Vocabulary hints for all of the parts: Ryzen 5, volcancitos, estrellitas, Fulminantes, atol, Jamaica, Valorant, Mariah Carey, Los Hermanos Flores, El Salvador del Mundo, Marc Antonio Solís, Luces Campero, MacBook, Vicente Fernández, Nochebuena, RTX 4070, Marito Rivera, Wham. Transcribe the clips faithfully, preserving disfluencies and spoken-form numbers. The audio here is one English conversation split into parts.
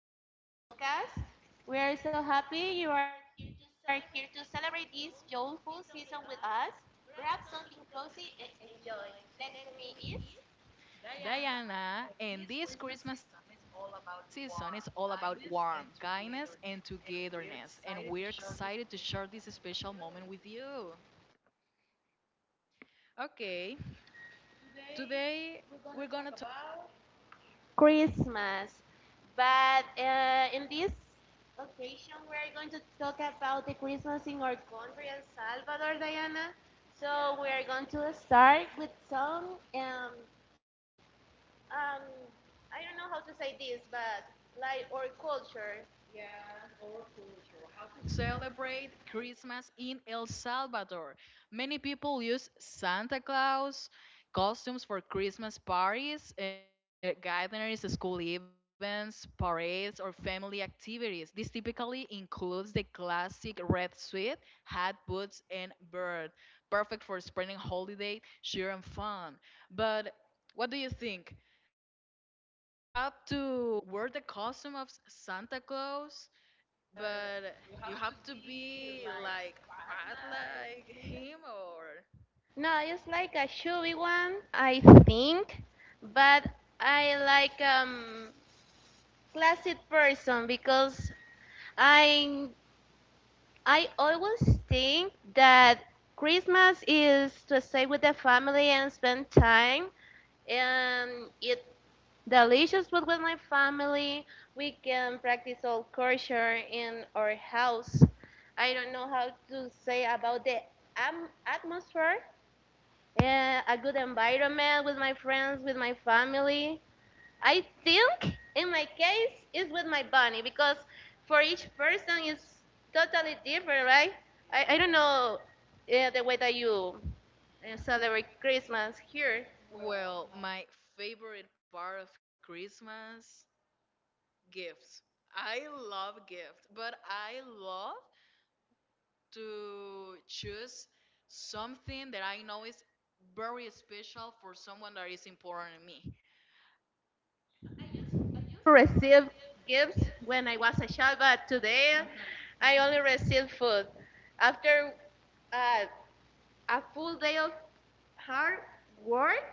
Christmas podcast. We are so happy you are here to celebrate this joyful season with us. Grab something cozy and enjoy. Next to me is Diana, and this Christmas season is all about warmth, kindness, and togetherness, and we're excited to share this special moment with you. Okay, today we're gonna Christmas. But uh, in this occasion, we are going to talk about the Christmas in our country, El Salvador, Diana. So we are going to start with some. Um, um I don't know how to say this, but like our culture. celebrate Christmas in El Salvador. Many people use Santa Claus costumes for Christmas parties, uh, gatherings, school events, parades, or family activities. This typically includes the classic red suit, hat, boots, and beard, perfect for spending holiday, cheer, and fun. But what do you think? You have to wear the costume of Santa Claus, but you have to be like fat like him. Or No, it's like a chubby one, I think, but I like um classic person because I I always think that Christmas is to stay with the family and spend time and eat delicious food with my family. We can practice all culture in our house. I don't know how to say about the am atmosphere, uh, a good environment with my friends, with my family. I think in my case is with my bunny because for each person is totally different, right? I, I don't know uh, the way that you uh, celebrate Christmas here. well, my favorite part of Christmas, gifts. I love gifts, but I love to choose something that I know is very special for someone that is important to me. Receive gifts when I was a child, but today I only receive food. After uh, a full day of hard work,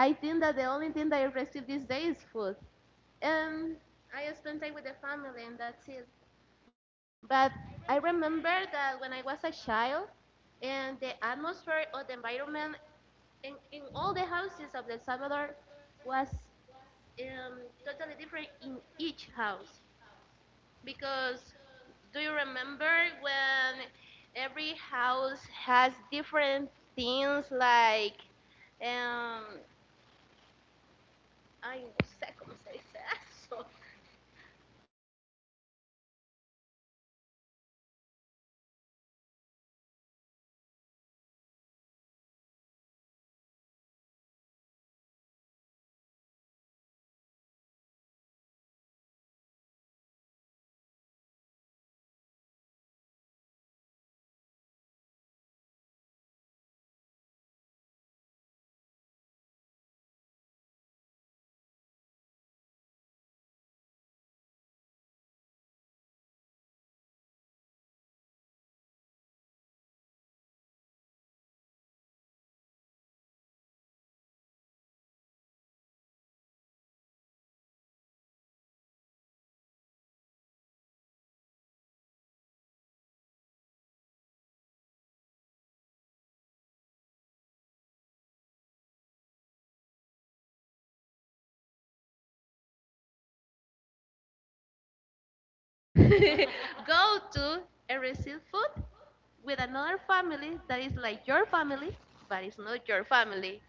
I think that the only thing that I receive this day is food. And I spend time with the family, and that's it. But I remember that when I was a child, and the atmosphere or the environment in, in all the houses of El Salvador was um, totally different in each house. Because do you remember when every house has different things like um, ai, no sé cómo se dice eso. Go to and receive food with another family that is like your family, but it's not your family.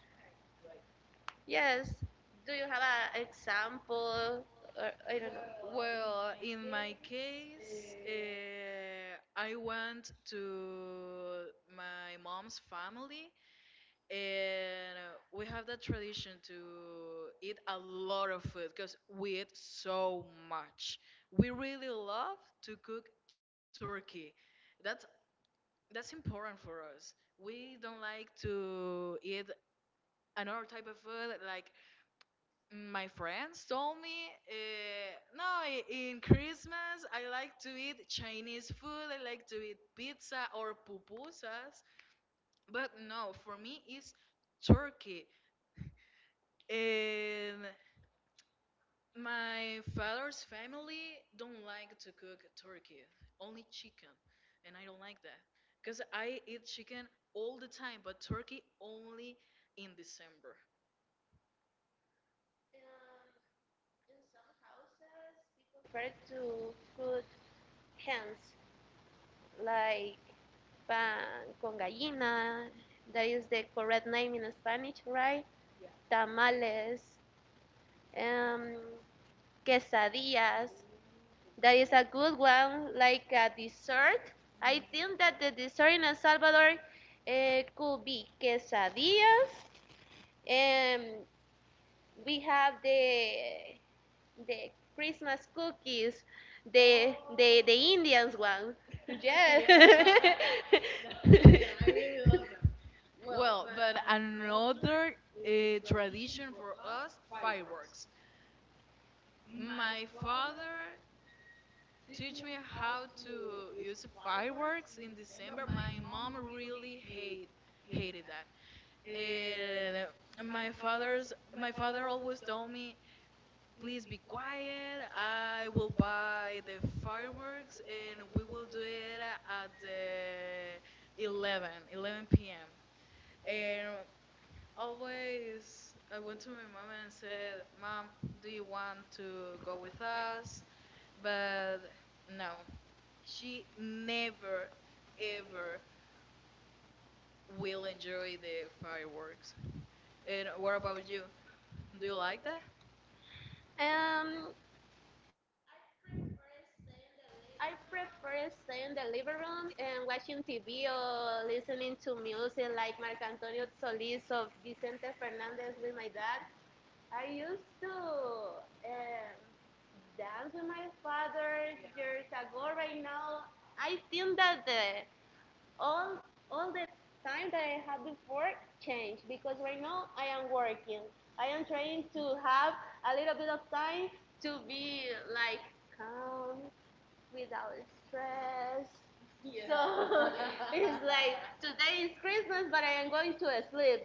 Yes. Do you have an example? Or, I don't know. Well, Well, in in my my case, case, uh, I went to my mom's family, and uh, we have that tradition to eat a lot of food because we eat so much. We really love to cook turkey. That's that's important for us. We don't like to eat another type of food. Like my friends told me, uh, no, i- in Christmas I like to eat Chinese food. I like to eat pizza or pupusas. But no, for me it's turkey. Um, my father's family don't like to cook turkey, only chicken, and I don't like that because I eat chicken all the time, but turkey only in December. I refer to food hands like pan con gallina. That is the correct name in Spanish, right? Tamales, um, quesadillas. That is a good one, like a dessert. I think that the dessert in El Salvador eh, could be quesadillas. And we have the the Christmas cookies, the the the Indians one. Yes. Well, but another uh, tradition for us, fireworks. My father teach me how to use fireworks in December. My mom really hate hated that. And my father's my father always told me, please be quiet. I will buy the fireworks and we will do it at the 11, eleven p m. And always I went to my mom and said, Mom, do you want to go with us? But no, she never ever will enjoy the fireworks. And what about you? Do you like that? Um, I prefer staying in the living room and watching T V or listening to music like Marc Antonio Solís or Vicente Fernandez with my dad. I used to um, dance with my father years ago. Right now, I think that the all all the time that I had before changed because right now I am working. I am trying to have a little bit of time to be like calm without stress. So it's like today is Christmas, but I am going to sleep.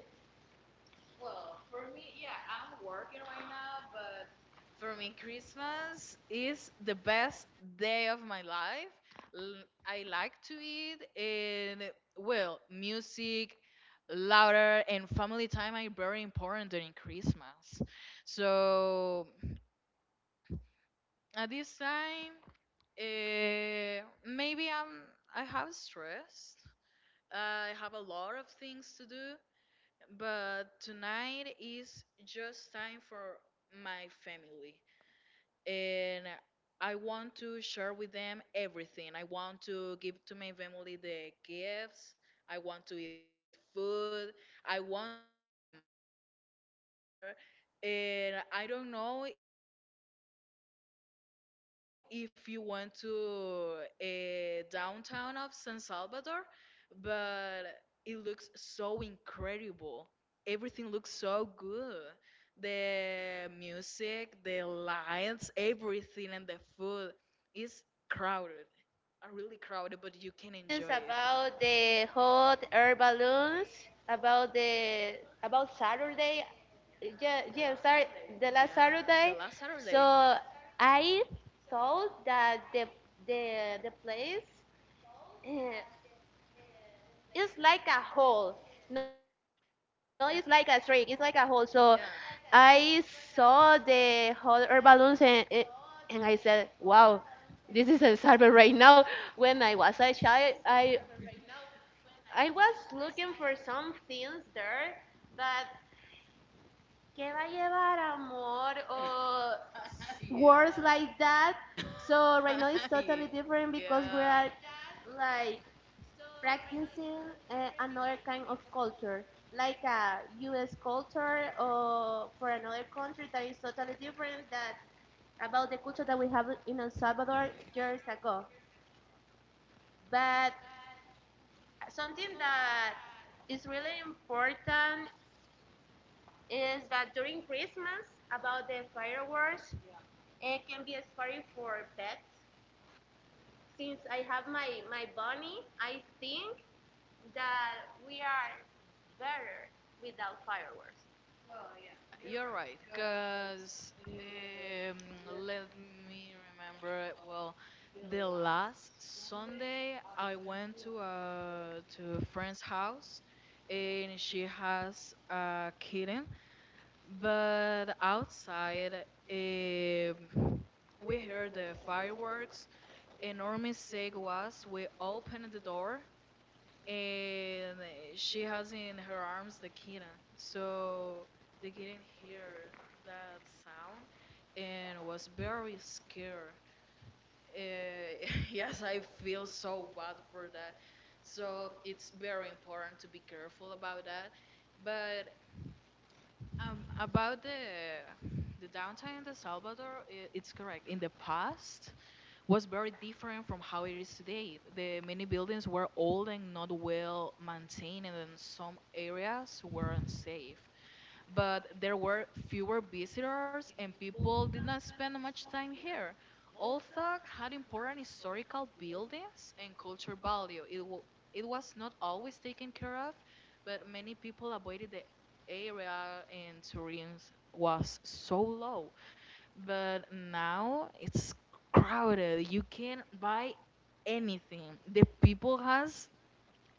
For me, Christmas is the best day of my life. L- I like to eat, and well, music, louder, and family time are very important during Christmas. So at this time, uh, maybe I'm I have stress. I have a lot of things to do, but tonight is just time for my family, and I want to share with them everything. I want to give to my family the gifts. I want to eat food. I want to dance with my mom, my brother. And I don't know if you went to a downtown of San Salvador, but it looks so incredible. Everything looks so good. The music, the lights, everything, and the food. It's crowded, uh, really crowded, but you can enjoy it. Questions about the hot air balloons, about the about Saturday. Yeah, Yeah, the yeah, last sorry, Saturday. the last Saturday. So I thought that the the the place uh, is like a hole. No, it's Yeah. like a streak. It's like a hole. So I saw the hot air balloons and eh, and I said, wow, this is a cyber right now. When I was a child, I I was looking for some things there that que va a llevar amor or words Yeah. like that. So right now it's totally different because we are like practicing uh, another kind of culture, like a U S culture or for another country that is totally different that about the culture that we have in El Salvador years ago. But something that is really important is that during Christmas, about the fireworks, it can be a scary for pets. Since I have my, my bunny, I think that we are better without fireworks. You're right, because um, let me remember. Well, the last Sunday I went to a to a friend's house, and she has a kitten. But outside, um, we heard the fireworks. And our mistake was we opened the door and she has in her arms the kitten. So they didn't hear that sound and was very scared. Uh, yes, I feel so bad for that. So it's very important to be careful about that. But um, about the the downtown in El Salvador, I it's correct. In the past, was very different from how it is today. The many buildings were old and not well maintained, and then some areas were unsafe, but there were fewer visitors and people did not spend much time here. Although had important historical buildings and cultural value. It, w- it was not always taken care of, but many people avoided the area and tourism was so low. But now it's crowded. You can buy anything. The people has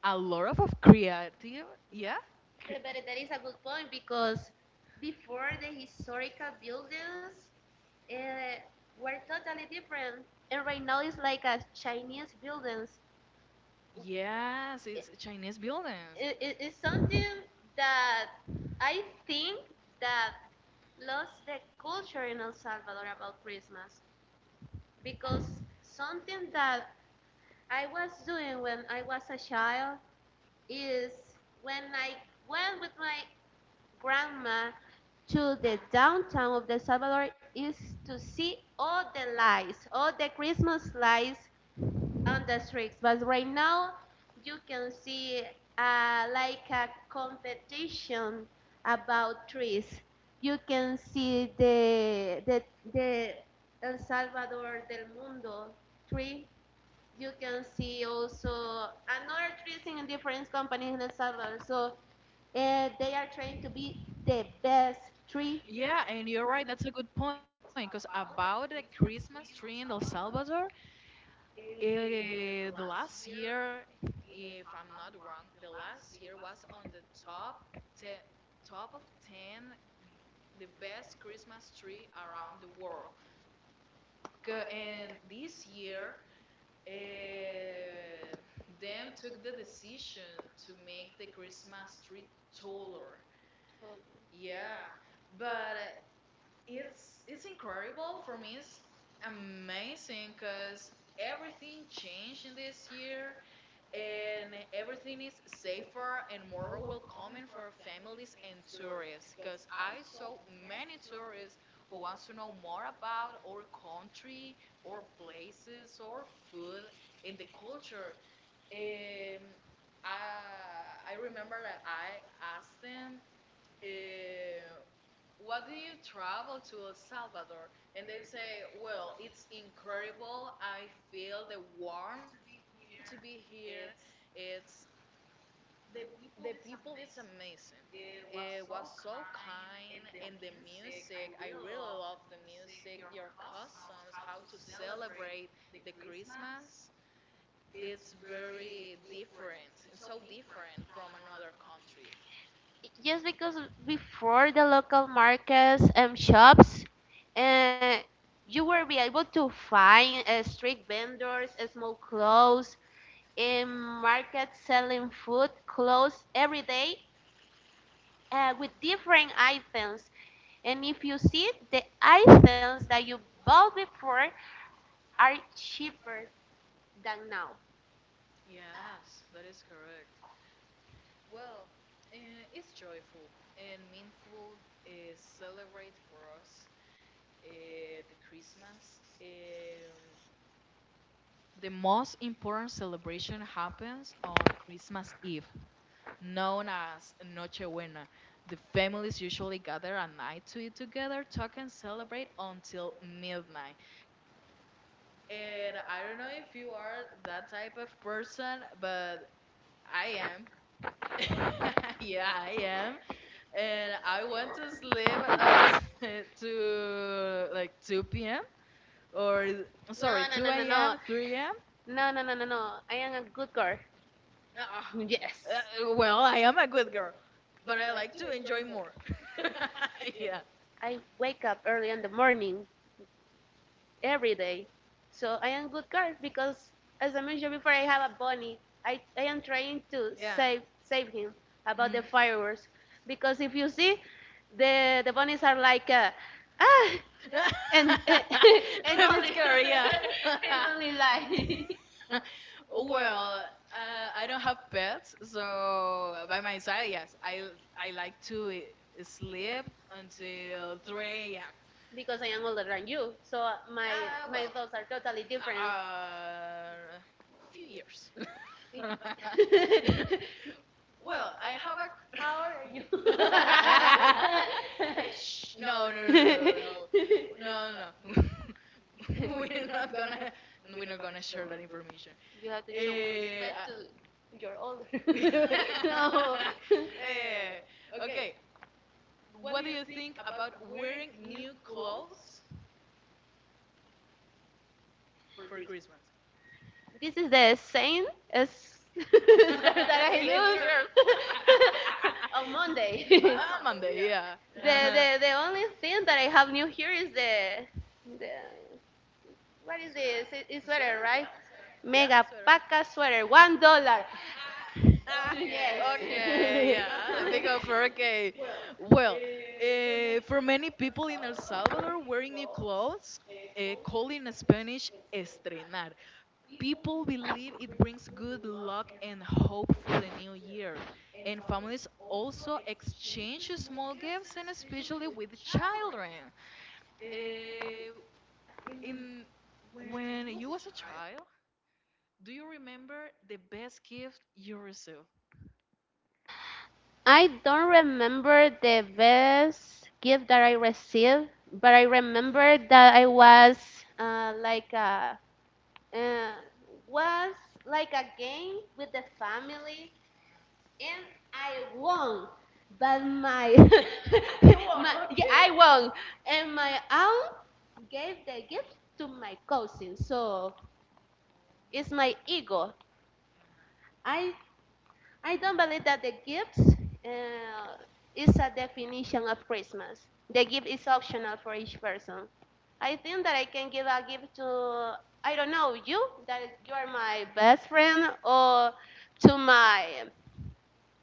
a lot of, of creative, yeah? cr- But, but that is a good point because before the historical buildings uh, were totally different, and right now it's like a Chinese buildings. Yeah. Yes, it's Chinese buildings. it, it, it's something that I think that lost the culture in El Salvador about Christmas because something that I was doing when I was a child is when I went with my grandma to the downtown of El Salvador is to see all the lights, all the Christmas lights on the streets. But right now, you can see uh, like a competition about trees. You can see the the the El Salvador del Mundo tree. You can see also another trees in different companies in El Salvador. So uh, they are trying to be the best tree. Yeah, and you're right. That's a good point. Because about the Christmas tree in El Salvador, eh, the last year, if I'm not wrong, the last year was on the top ten, top of ten, the best Christmas tree around the world. Ca- And this year, eh, them took the decision to make the Christmas tree taller. Yeah, but uh, it's it's incredible for me. It's amazing because everything changed in this year, and everything is safer and more welcoming for families and tourists. Because I saw many tourists who wants to know more about our country, our places, our food, and the culture. Um, I I remember that I asked them, uh, what do you travel to El Salvador? And they say, well, it's incredible. I feel the warmth to be here. It's the people is amazing. It was so kind, and the music. I really love the music. Your customs, how to celebrate the Christmas. It's very different. It's so different from another country. Just because before the local markets and shops, uh, you will be able to find uh, street vendors, uh, small clothes, in markets selling food, clothes every day uh, with different items. And if you see, the items that you bought before are cheaper than now. Yes, that is correct. Well, uh, it's joyful and meaningful. Uh, celebrate for us, uh, the Christmas. Um, the most important celebration happens on Christmas Eve, known as Nochebuena. The families usually gather at night to eat together, talk, and celebrate until midnight. And I don't know if you are that type of person, but I am. Yeah, I am. And I went to sleep until to like two p m, or No, sorry, no, no, 2 no, no. a.m., three a m. No, no, no, no, no. I am a good girl. Ah, Yes. uh, well, I am a good girl, but I like to enjoy more. Yeah, I wake up early in the morning every day. So I am good car because, as I mentioned before, I have a bunny. I, I am trying to yeah. yeah. save save him about the Mm. fireworks because if you see, the the bunnies are like uh, ah and and, and This only girl, yeah. and only like Well, uh, I don't have pets, so by my side, yes, I I like to i- sleep until three a m. because I am older than you. So my Uh, my Well, thoughts are totally different. uh, few years. Well, I have a. No, Eh, shh, no, no, no, no, no. No, no. We're not gonna and we're not gonna share that information. you have to show Eh, respect I- to. You're older. No. Eh, Eh, okay. What do you think about wearing new clothes for Christmas? this is the same as scarf that I Same use skirt. on Monday. the, I'm on On the Monday, yeah. yeah. Yeah. Uh-huh. the the only thing that I have new here is the the what is A this? sweater? It- It's sweater, right? Yeah, sweater. Mega paca sweater, one dollar. Okay, yeah. Okay, Yes. yeah, Yeah, a big because, offer. okay, Okay, well, uh, for many people in El Salvador, wearing new clothes, uh, called in Spanish estrenar. People believe it brings good luck and hope for the new year, and families also exchange small gifts, and especially with children. Uh, in When you was a child, do you remember the best gift you received? I don't remember the best gift that I received, but I remember that I was uh, like a uh, was like a game with the family, and I won. But my, you won, my yeah, I won, and my aunt gave the gift to my cousin. So it's my ego. I I don't believe that the gifts uh, is a definition of Christmas. The gift is optional for each person. I think that I can give a gift to I don't know you that you are my best friend or to my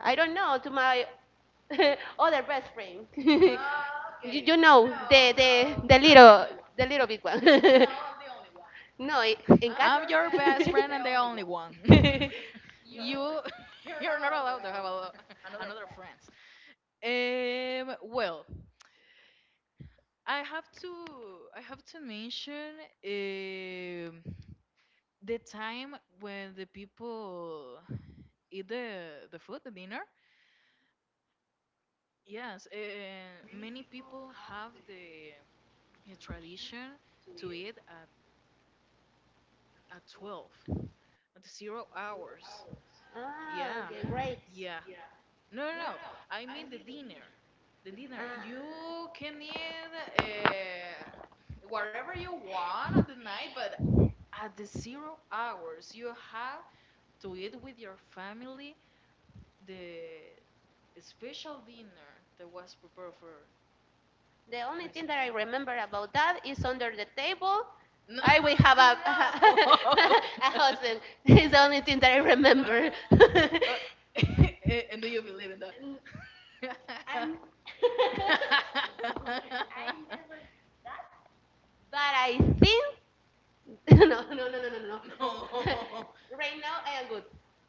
I don't know to my other best friend. Okay. you, you know no, the, the the little the little big one. No, I'm the only one. No, it, in I'm God. I'm Your your best best friend, friend and the the only one. only one. You you're not allowed to have a, lo- another friends. Um well, I have to I have to mention um the time when the people eat the the food, the dinner. Yes, uh, many people have the, the tradition to eat at at twelve at zero hours. Ah, okay, yeah. Yeah. Great. Yeah. No, no, no. I mean the dinner. The dinner. Uh, You can eat, uh, whatever you want on the night, but at the zero hours, you have to eat with your family the special dinner that was prepared for the only thing Christmas. that I remember about that is under the table. No, I will have a, no. a husband. It's the only thing that I No. remember. I, Uh, and do you believe in no. I never that. But I think no, no, no, no, no, no. No. Right now, I am good.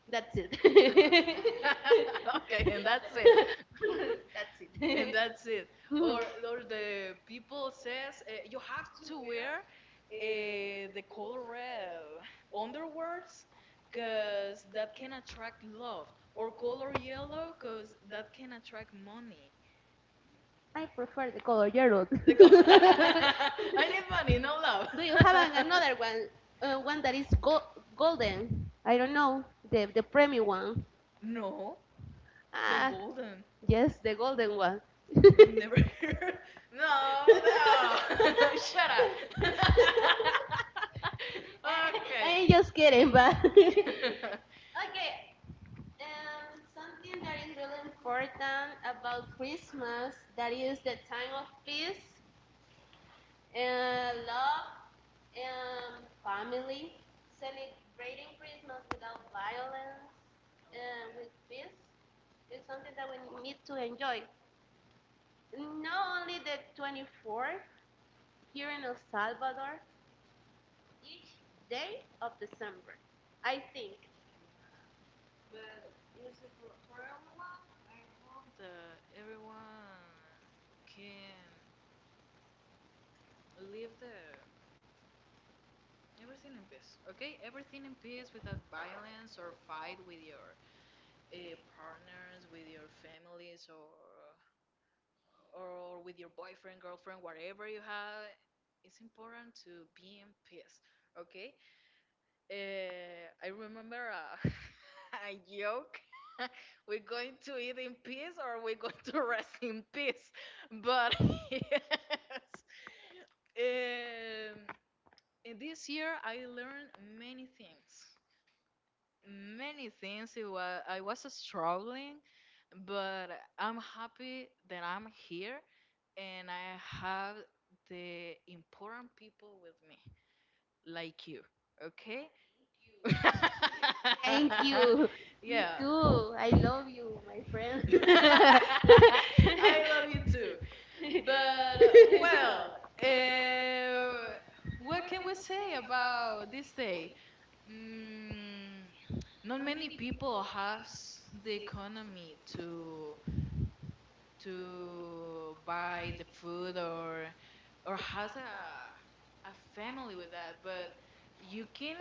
That's it. Okay, Okay, that's and that's it. it. And that's it, Mhm. or or the people says, uh, you have to wear, uh, the color red underwears because that can attract love, or color yellow because that can attract money. I prefer the color yellow. The color I need money, no love. Do you have an, another one? Uh, one that is go- golden. I don't know the the premium one. No, the Ah, golden. yes, the golden one. I am never here. No, no. Shut up. I Okay. am just kidding, but okay. Um, something that is really important about Christmas that is the time of peace and love and family, celebrating Christmas without violence and with peace is something that we need to enjoy. Not only the twenty-fourth here in El Salvador, each day of December. I think. The everyone can live the everything in peace. Okay, everything in peace without violence or fight with your, uh, partners, with your families, or or with your boyfriend, girlfriend, whatever you have. It's important to be in peace. Okay. Uh, I remember a, a joke. We're going to eat in peace or we're going to rest in peace. But yes. Um, in this year, I learned many things. Many things. It was, I was struggling, but I'm happy that I'm here and I have the important people with me. Like you, okay? Thank you. Me Yeah. too. I love you, my friend. I I love you too. But uh, well, uh, what can we say about this day? Mm, not many people has the economy to to buy the food, or or has a a family with that, but you can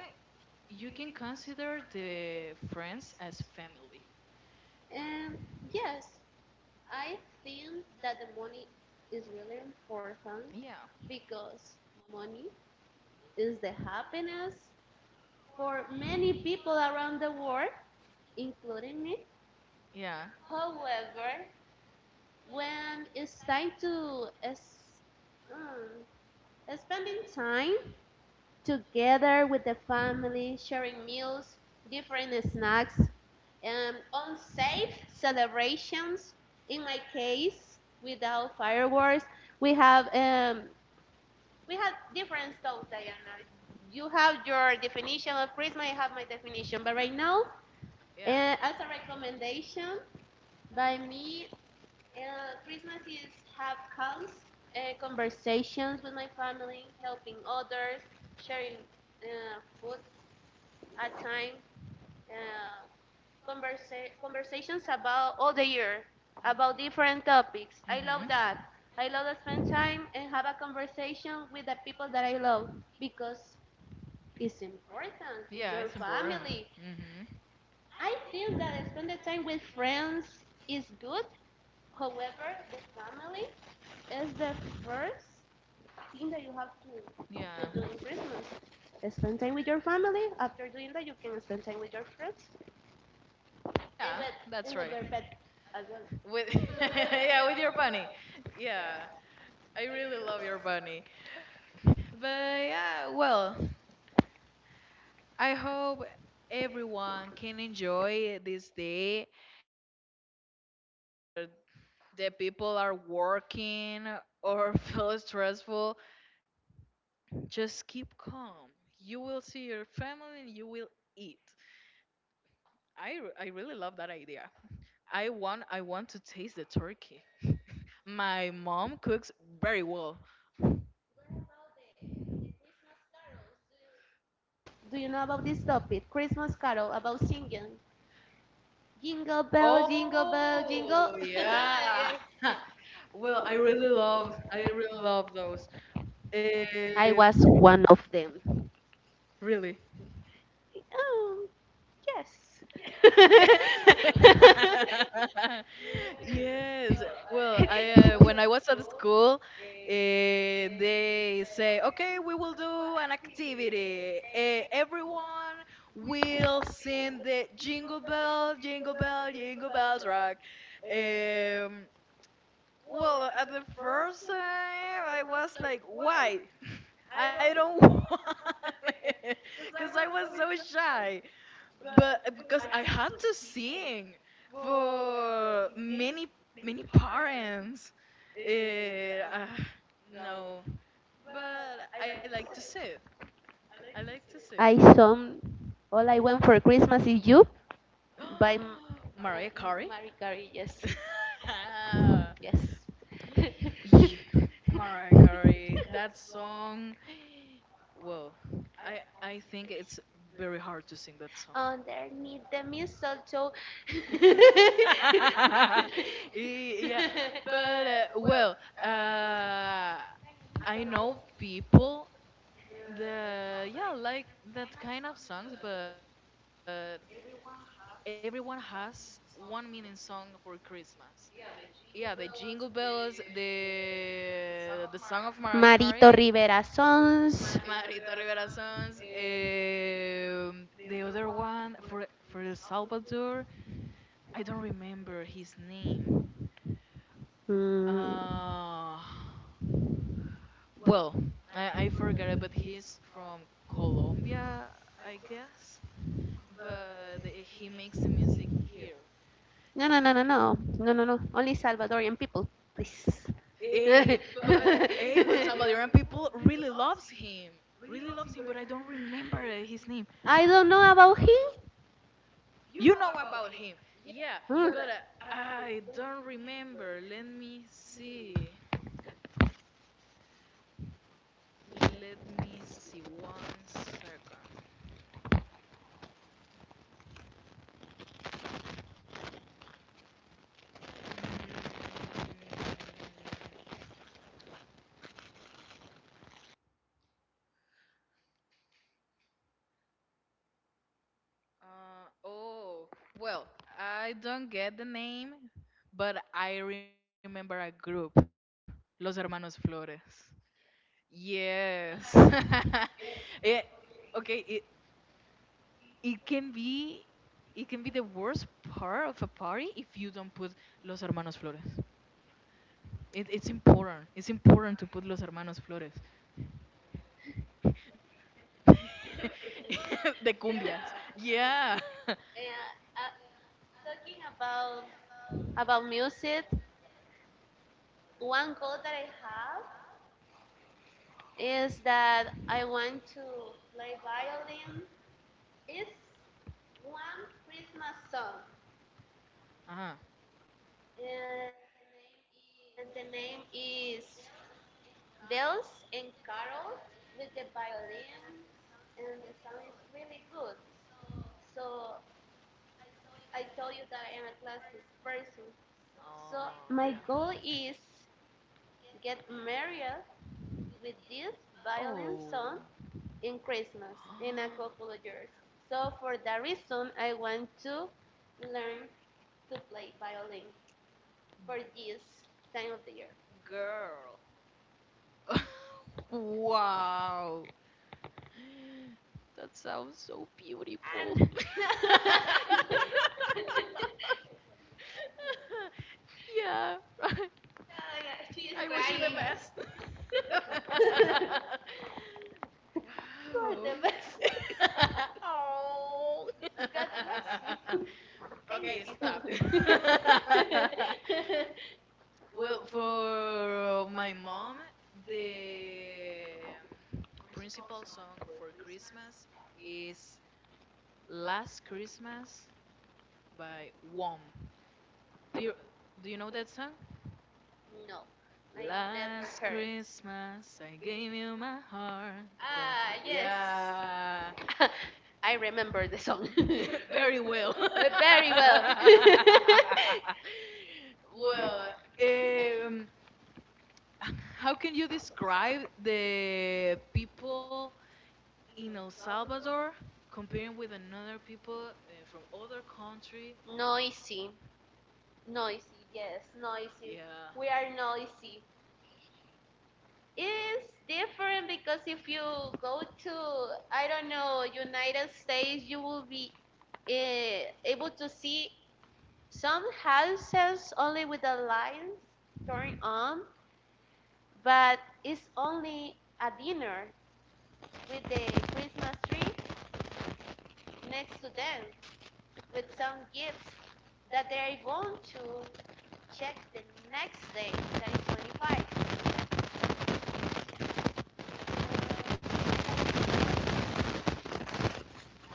you can consider the friends as family. and yes, I think that the money is really important Yeah, because money is the happiness for many people around the world, including me. yeah, However, when it's time to es- mm, spending time together with the family, sharing meals, different snacks, and on safe celebrations, in my case, without fireworks, we have um, we have different songs, Diana. You have your definition of Christmas, I have my definition, but right now, yeah. uh, as a recommendation by me, Uh, Christmas is have calls, uh, conversations with my family, helping others, sharing uh, food at time, uh, conversa- conversations about all the year, about different topics. I love that. Hmm. I love to spend time and have a conversation with the people that I love because it's important. It's Yeah, your it's important. family. Hmm. I think that spending time with friends is good. However, the family is the first thing that you have to, to Yeah, do in Christmas. Spend time with your family. After doing that, you can spend time with your friends and yeah, with, that's and with right. your pet as well. With yeah, with your bunny. Yeah, I really love your bunny. But yeah, well, I hope everyone can enjoy this day. The people are working or feel stressful. Just keep calm. You will see your family and you will eat. I, r- I really love that idea. I want I want to taste the turkey. My mom cooks very well. Do you know about this topic? Christmas carol about singing. Jingle bell, Oh jingle bell, jingle. yeah. Yes. Well, I really love I really love those. I Um, was one of them. Really. Oh, yes. Yeah. Yes. Well, I uh, when I was at school, eh, they say, "Okay, we will do an activity. Eh, everyone will sing the Jingle Bell, Jingle Bell, Jingle Bells Rock." Um, well, at the first time, I was like, "Why? I don't want it," because I was so shy, but uh, because I had to sing for many many parents. Eh, ah, no, but I like to sing. I like to sing. I sung. All I want for Christmas is you by M- Mariah Carey. Marie Curie. Yes, yes. Yeah, Mariah Carey. That song. Whoa, I I think it's very hard to sing that song. Underneath the mistletoe. Y- yeah, but uh, well, uh, I know people the yeah like that kind of songs, but everyone has one meaning song for Christmas. Yeah, the Jingle Bells, the the song of Mariah Carey, Marito Rivera Sons. Marito Rivera songs, um, the other one for for El Salvador. I don't remember his name. Mm. Uh, well, I, I forgot it, but he's from Colombia, I guess. But eh, he makes the music here. No, no, no, no, no, no, no, no. Only Salvadorian people, please. Hey, but hey, but Salvadoran people really loves him. Really loves him, but I don't remember uh, his name. I don't know about him. You know about him, yeah, Hmm. but uh, I don't remember. Let me see. Let me see. One second. Mm. Uh, oh, well, I don't get the name, but I remember a group, Los Hermanos Flores. Yes. Yeah, okay, it it can be it can be the worst part of a party if you don't put Los Hermanos Flores. It, it's important. It's important to put Los Hermanos Flores. The cumbias. Yeah. Yeah, uh, talking about about music, one goal that I have is that I want to play violin. It's one Christmas song, Uh-huh. and the name is bells and carols with the violin, and the sound is really good. So I told you that I am a classic person. So Oh, my goal yeah. is get married with this violin Oh. song in Christmas in a couple of years. So for that reason, I want to learn to play violin for this time of the Girl. Wow. That sounds so beautiful. Yeah. I wish you the best. year. You are Wow. the best. Oh. God bless you. Okay, Thank stop. you. Well, for my mom, the principal song for Christmas is Last Christmas by Wham. Do you do you know that song? No, I never Last heard. Christmas I gave you my heart, but Ah, yeah. yes. I remember the song. Very Very well. well. Very well. Well, um, how can you describe the people in El Salvador comparing with another people uh, from other country? Noisy. Noisy, yes, noisy. Yeah. We are noisy. It's different because if you go to, I don't know, United States, you will be eh, able to see some houses only with the lights turned on, but it's only a dinner with the Christmas tree next to them with some gifts that they are going to check the next day, that is twenty-fifth,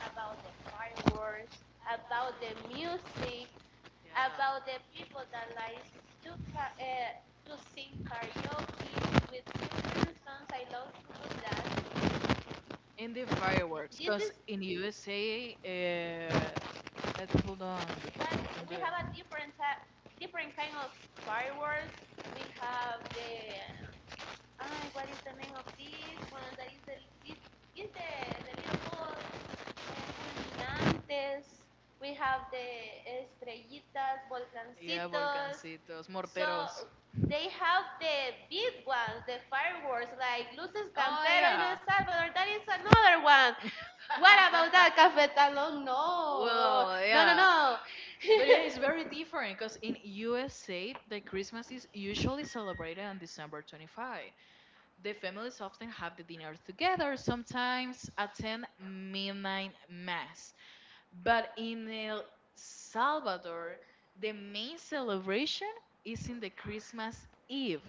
about the fireworks, about the music, about the Yeah. people that like to ca- uh, to sing karaoke with different songs. I love to do that. And the fireworks, This is cause in U S A, uh, that people don't what don't we do have a it. different ti- different kind of fireworks. We have the ay, what is the name of this one? That is the this is the, the little ball. Fulminantes. We have the estrellitas, Yeah, volcancitos. morteros. So they have the big ones, the fireworks like Luces Oh, Campero in yeah. El Salvador. That is another one. What about that cafetalón? No, Well, no, no, yeah. But yeah, it's no. very different because in U S A, the Christmas is usually celebrated on December twenty-fifth. The families often have the dinner together, sometimes attend midnight mass. But in El Salvador, the main celebration is in the Christmas Eve.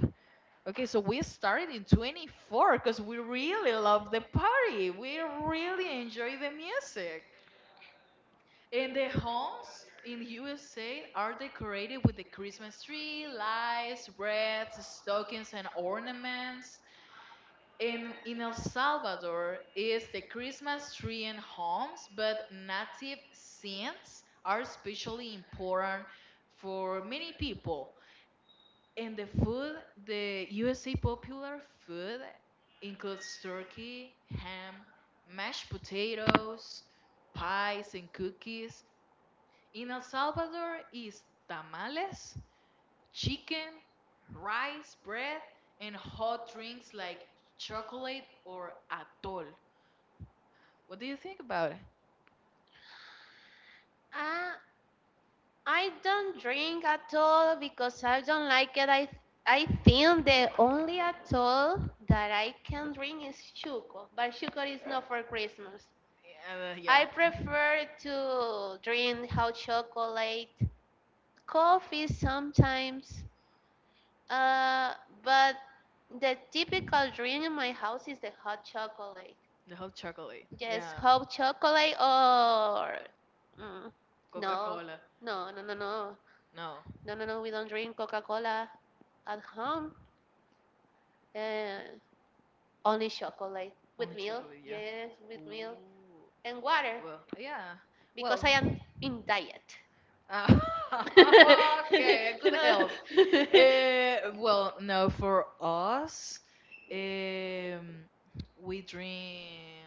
Okay, so we started in twenty-fourth because we really love the party. We really enjoy the music. And the homes in U S A are decorated with the Christmas tree, lights, wreaths, stockings, and ornaments. In in El Salvador is the Christmas tree in homes, but native scenes are especially important for many people. And the food, the U S A popular food includes turkey, ham, mashed potatoes, pies and cookies. In El Salvador is tamales, chicken, rice, bread, and hot drinks like chocolate or atol. What do you think about it? Ah, I don't drink at all because I don't like it. I I think the only alcohol that I can drink is chuco, but chuco is not for Christmas. Yeah, uh, yeah. I prefer to drink hot chocolate, coffee sometimes, uh, but the typical drink in my house is the hot chocolate. The hot chocolate. Yes, Yeah, hot chocolate or mm, Coca no, Cola. no, no, no, no, No, no, no, no. We don't drink Coca Cola at home uh, only chocolate with only milk, chocolate. Yeah. yes, with milk Ooh. and water Well, yeah. because Well. I am in diet. Uh, okay, a You good know? health. Uh, well, no, for us, um, we drink.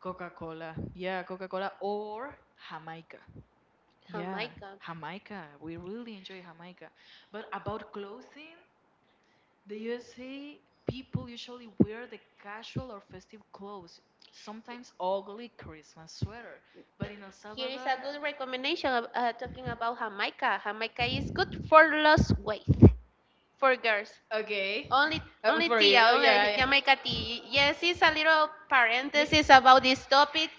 Coca-Cola. Yeah, Coca-Cola or Jamaica. Yeah, Jamaica Jamaica. We really enjoy Jamaica. But about clothing, the U S A people usually wear the casual or festive clothes, sometimes ugly Christmas sweater. But in El here is a Salvador, good recommendation of, uh, talking about jamaica, jamaica is good for lost weight for girls. okay, Only, uh, only for tia, you. Oh only yeah, yeah. Jamaica tea. Yes, it's a little You parenthesis ca- about this topic,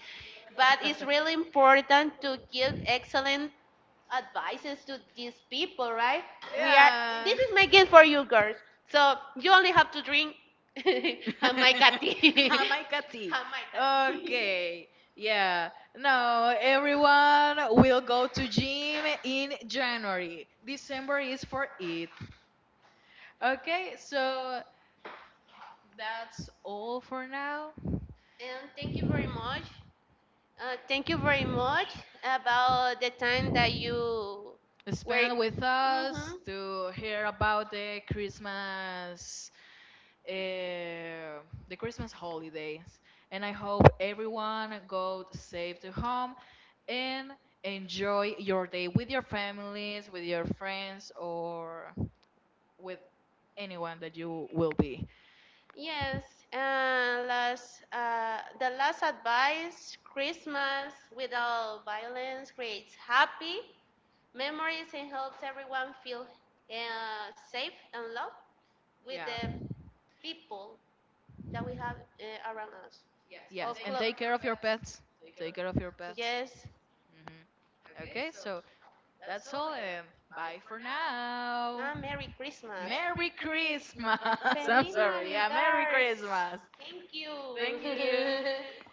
but it's really important to give excellent advices to these people, right? We are this is my gift for you girls, so you only have to drink yeah. jamaica tea, Am I tea. jamaica tea, Okay. Yeah. No, everyone will go to gym in January. December is for it. Okay, so that's all for now. and thank you very much, uh, thank you very much about the time that you were. Spend with us Mhm. to hear about the Christmas uh, the Christmas holidays. And I hope everyone go safe to home and enjoy your day with your families, with your friends, or with anyone that you will be. Yes, and last, uh, the last advice, Christmas without violence creates happy memories and helps everyone feel uh, safe and loved with Yeah. the people that we have uh, around us. Yes. And Or take clo- care of your pets. Take care of your pets. yes. Hmm. Okay. So that's all. And bye for now. Ah, Merry Christmas. Merry Christmas. I'm Feliz sorry. Yeah. Merry Navidad. Christmas. Thank you. Thank you.